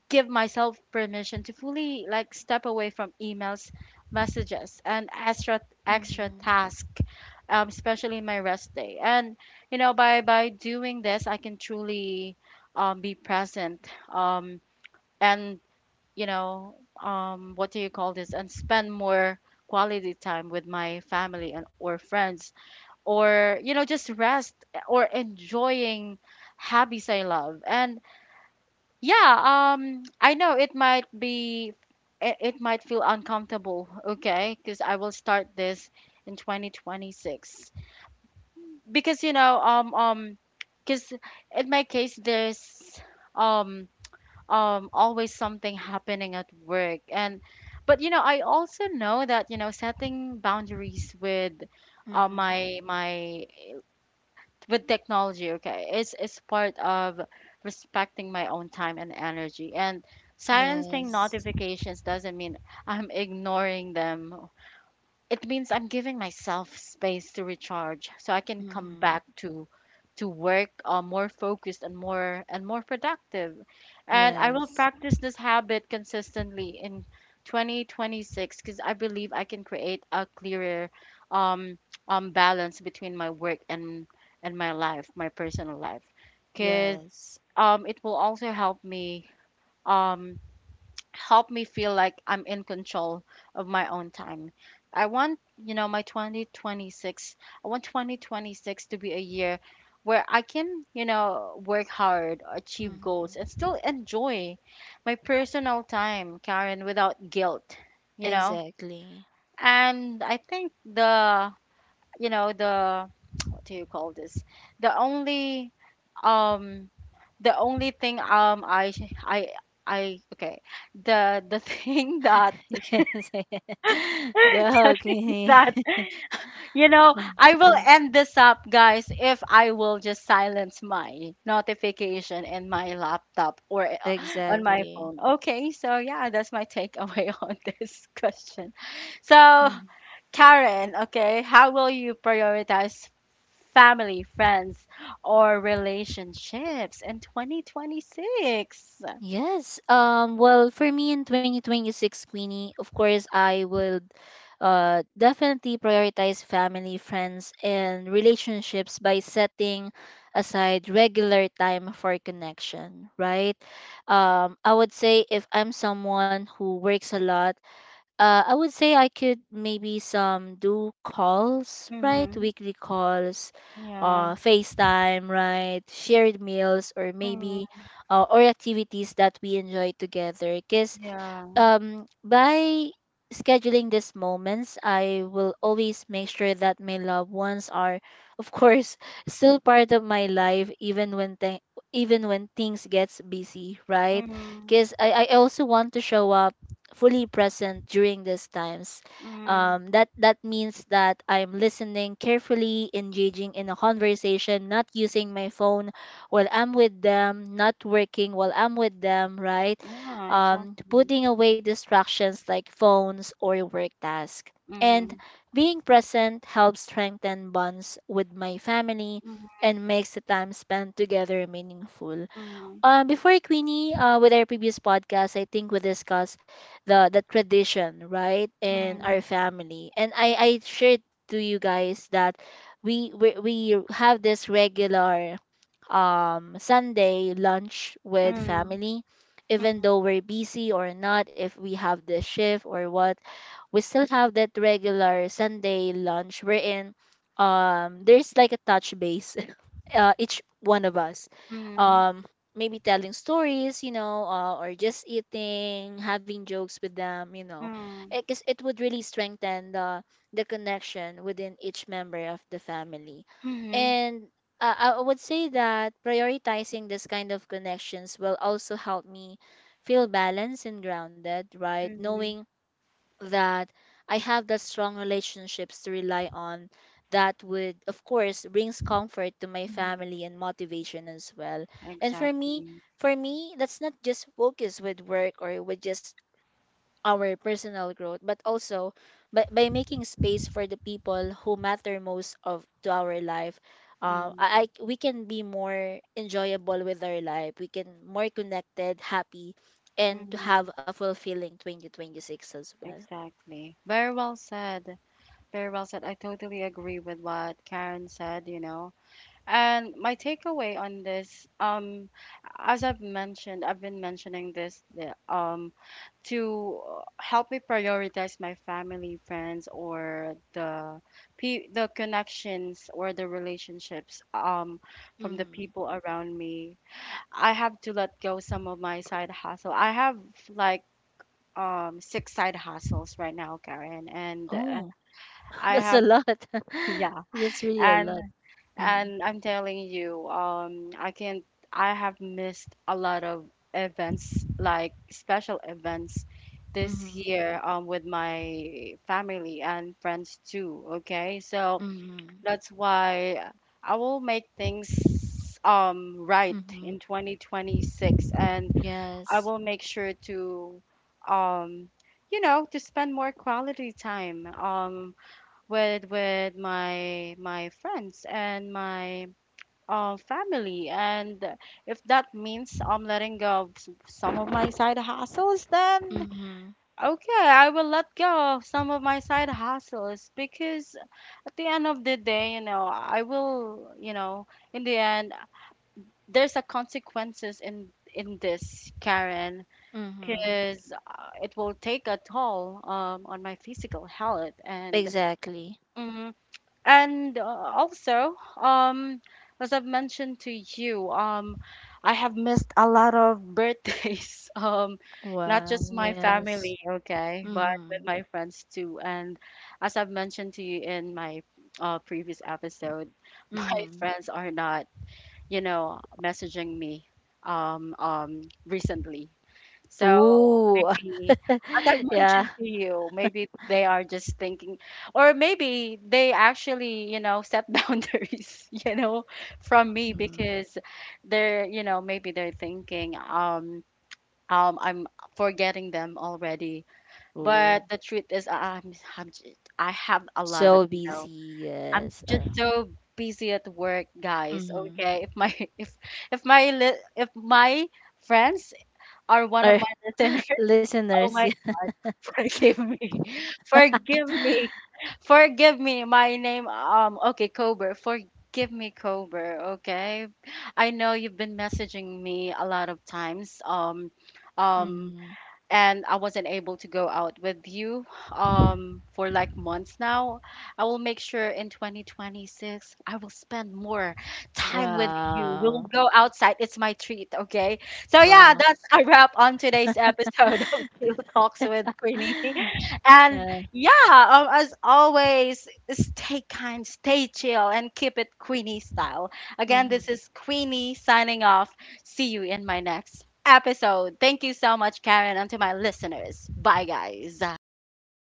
S1: give myself permission to fully, like, step away from emails, messages, and extra
S2: Mm-hmm.
S1: task, especially my rest day. And you know, by doing this, I can truly be present um, and you know what do you call this and spend more quality time with my family and or friends, or you know, just rest, eh, or enjoying hobbies I love. And yeah, I know it might be it, it might feel uncomfortable, okay? Cuz I will start this in 2026. Because you know, cuz in my case, there's um always something happening at work. And but you know, I also know that, you know, setting boundaries with
S2: Mm-hmm.
S1: my my with technology, okay, it's part of respecting my own time and energy. And silencing
S2: Yes.
S1: notifications doesn't mean I'm ignoring them. It means I'm giving myself space to recharge, so I can come
S2: Mm-hmm.
S1: back to work, more focused, and more productive. And I will
S2: Yes.
S1: practice this habit consistently in 2026, because I believe I can create a clearer um, balance between my work and my life, my personal life. Because
S2: Yes.
S1: it will also um, help me feel like I'm in control of my own time. I want, you know, I want 2026 to be a year where I can, you know, work hard, achieve
S2: Mm-hmm.
S1: goals, and still enjoy my personal time, Karen, without guilt, you know?
S2: Exactly.
S1: And I think the, you know, the, What do you call this? The only, um, the only thing I I okay the thing that
S2: You can say go,
S1: judging
S2: okay.
S1: that. You know, I will
S2: Mhm.
S1: end this up, guys, if I will just silence my notification in my laptop, or on my
S2: Exactly.
S1: phone. Okay, so yeah, that's my takeaway on this question. So,
S2: Mhm.
S1: Karen, okay, how will you prioritize family, friends, or relationships in 2026?
S2: Yes. Well, for me in 2026, Queenie, of course, I would definitely prioritize family, friends, and relationships by setting aside regular time for connection, right? I would say if I'm someone who works a lot. I would say I could maybe some do calls, right?
S1: Mm-hmm.
S2: Weekly calls,
S1: Yeah.
S2: FaceTime, right? Shared meals, or maybe,
S1: Mm-hmm.
S2: or activities that we enjoy together. Because,
S1: Yeah.
S2: um, by scheduling these moments, I will always make sure that my loved ones are, of course, still part of my life, even when things gets busy, right?
S1: Mm-hmm.
S2: Because I also want to show up fully present during these times.
S1: Mm-hmm.
S2: That means that I'm listening carefully, engaging in a conversation, not using my phone while I'm with them, not working while I'm with them, right?
S1: Yeah, exactly.
S2: Putting away distractions like phones or work tasks. And
S1: Mm-hmm.
S2: being present helps strengthen bonds with my family
S1: Mm-hmm.
S2: and makes the time spent together meaningful. Before Queenie, with our previous podcast, I think we discussed the tradition, right, in
S1: Mm-hmm.
S2: our family, and I shared to you guys that we have this regular Sunday lunch with
S1: Mm-hmm.
S2: family, even
S1: Mm-hmm.
S2: though we're busy or not, if we have the shift or what, we still have that regular Sunday lunch. We're in. There's like a touch base each one of us.
S1: Mm-hmm.
S2: Um, maybe telling stories, you know, or just eating, having jokes with them, you know,
S1: Mm-hmm.
S2: because it would really strengthen the connection within each member of the family.
S1: Mm-hmm.
S2: And I would say that prioritizing this kind of connections will also help me feel balanced and grounded, right?
S1: Mm-hmm.
S2: Knowing that I have that strong relationships to rely on that would of course brings comfort to my family and motivation as well. And for me,
S1: Exactly.
S2: for me, that's not just focus with work or with just our personal growth, but also by making space for the people who matter most of to our life.
S1: Mm-hmm.
S2: I We can be more enjoyable with our life. We can more connected, happy, and to
S1: Mm-hmm.
S2: have a fulfilling 2026 as well.
S1: Exactly. Very well said. Very well said. I totally agree with what Karen said, you know. And my takeaway on this, I've been mentioning this to help me prioritize my family, friends, or the connections, or the relationships from the
S2: Mm.
S1: people around me. I have to let go some of my side hustle. I have like 6 side hustles right now, Karen, and
S2: Oh,
S1: I
S2: that's a
S1: have
S2: lot.
S1: yeah,
S2: That's really a
S1: and
S2: lot. Mm.
S1: and I'm telling you, I can't, I have missed a lot of events, like special events this
S2: Mm-hmm.
S1: year, with my family and friends too. Okay. So
S2: Mm-hmm.
S1: that's why I will make things, right
S2: Mm-hmm.
S1: in 2026. And I
S2: Yes.
S1: will make sure to, um, you know, to spend more quality time, with my friends and my, family. And if that means I'm letting go of some of my side hustles, then
S2: Mm-hmm.
S1: okay, I will let go of some of my side hustles. Because at the end of the day, you know, in the end, there's a consequences in this, Karen,
S2: Mm-hmm.
S1: because it will take a toll on my physical health and.
S2: Exactly.
S1: Mm-hmm. And as I've mentioned to you, I have missed a lot of birthdays. Not
S2: Wow.
S1: just my
S2: Yes.
S1: family, okay, but with
S2: Mm-hmm.
S1: my friends too. And as I've mentioned to you in my previous episode, my
S2: Mm-hmm.
S1: friends are not, you know, messaging me recently. So
S2: Ooh.
S1: maybe, as I
S2: Yeah.
S1: mentioned to you, maybe they are just thinking, or maybe they actually, you know, set boundaries, you know, from me.
S2: Mm.
S1: Because they're, you know, maybe they're thinking, I'm forgetting them already.
S2: Ooh.
S1: But the truth is, I have a lot of,
S2: So
S1: you know,
S2: busy.
S1: I'm
S2: Yes.
S1: just so busy at work, guys.
S2: Mm-hmm.
S1: Okay, if my, if my, li- if my friends are one of
S2: Our
S1: my listeners. Oh
S2: Listeners.
S1: my.
S2: Yeah.
S1: Forgive me. Forgive me. Forgive me. My name, okay, Kober. Forgive me, Kober. Okay. I know you've been messaging me a lot of times. Um,
S2: Mm.
S1: and I wasn't able to go out with you for like months now. I will make sure in 2026 I will spend more time with you. We'll
S2: Wow.
S1: go outside. It's my treat, okay? So yeah,
S2: Wow.
S1: that's a wrap on today's episode of Chill Talks with Queenie. And
S2: Yeah.
S1: yeah, as always, stay kind, stay chill, and keep it Queenie style. Again, this
S2: Mhm.
S1: is Queenie signing off. See you in my next episode. Thank you so much, Karen, and to my listeners. Bye, guys.
S2: Bye.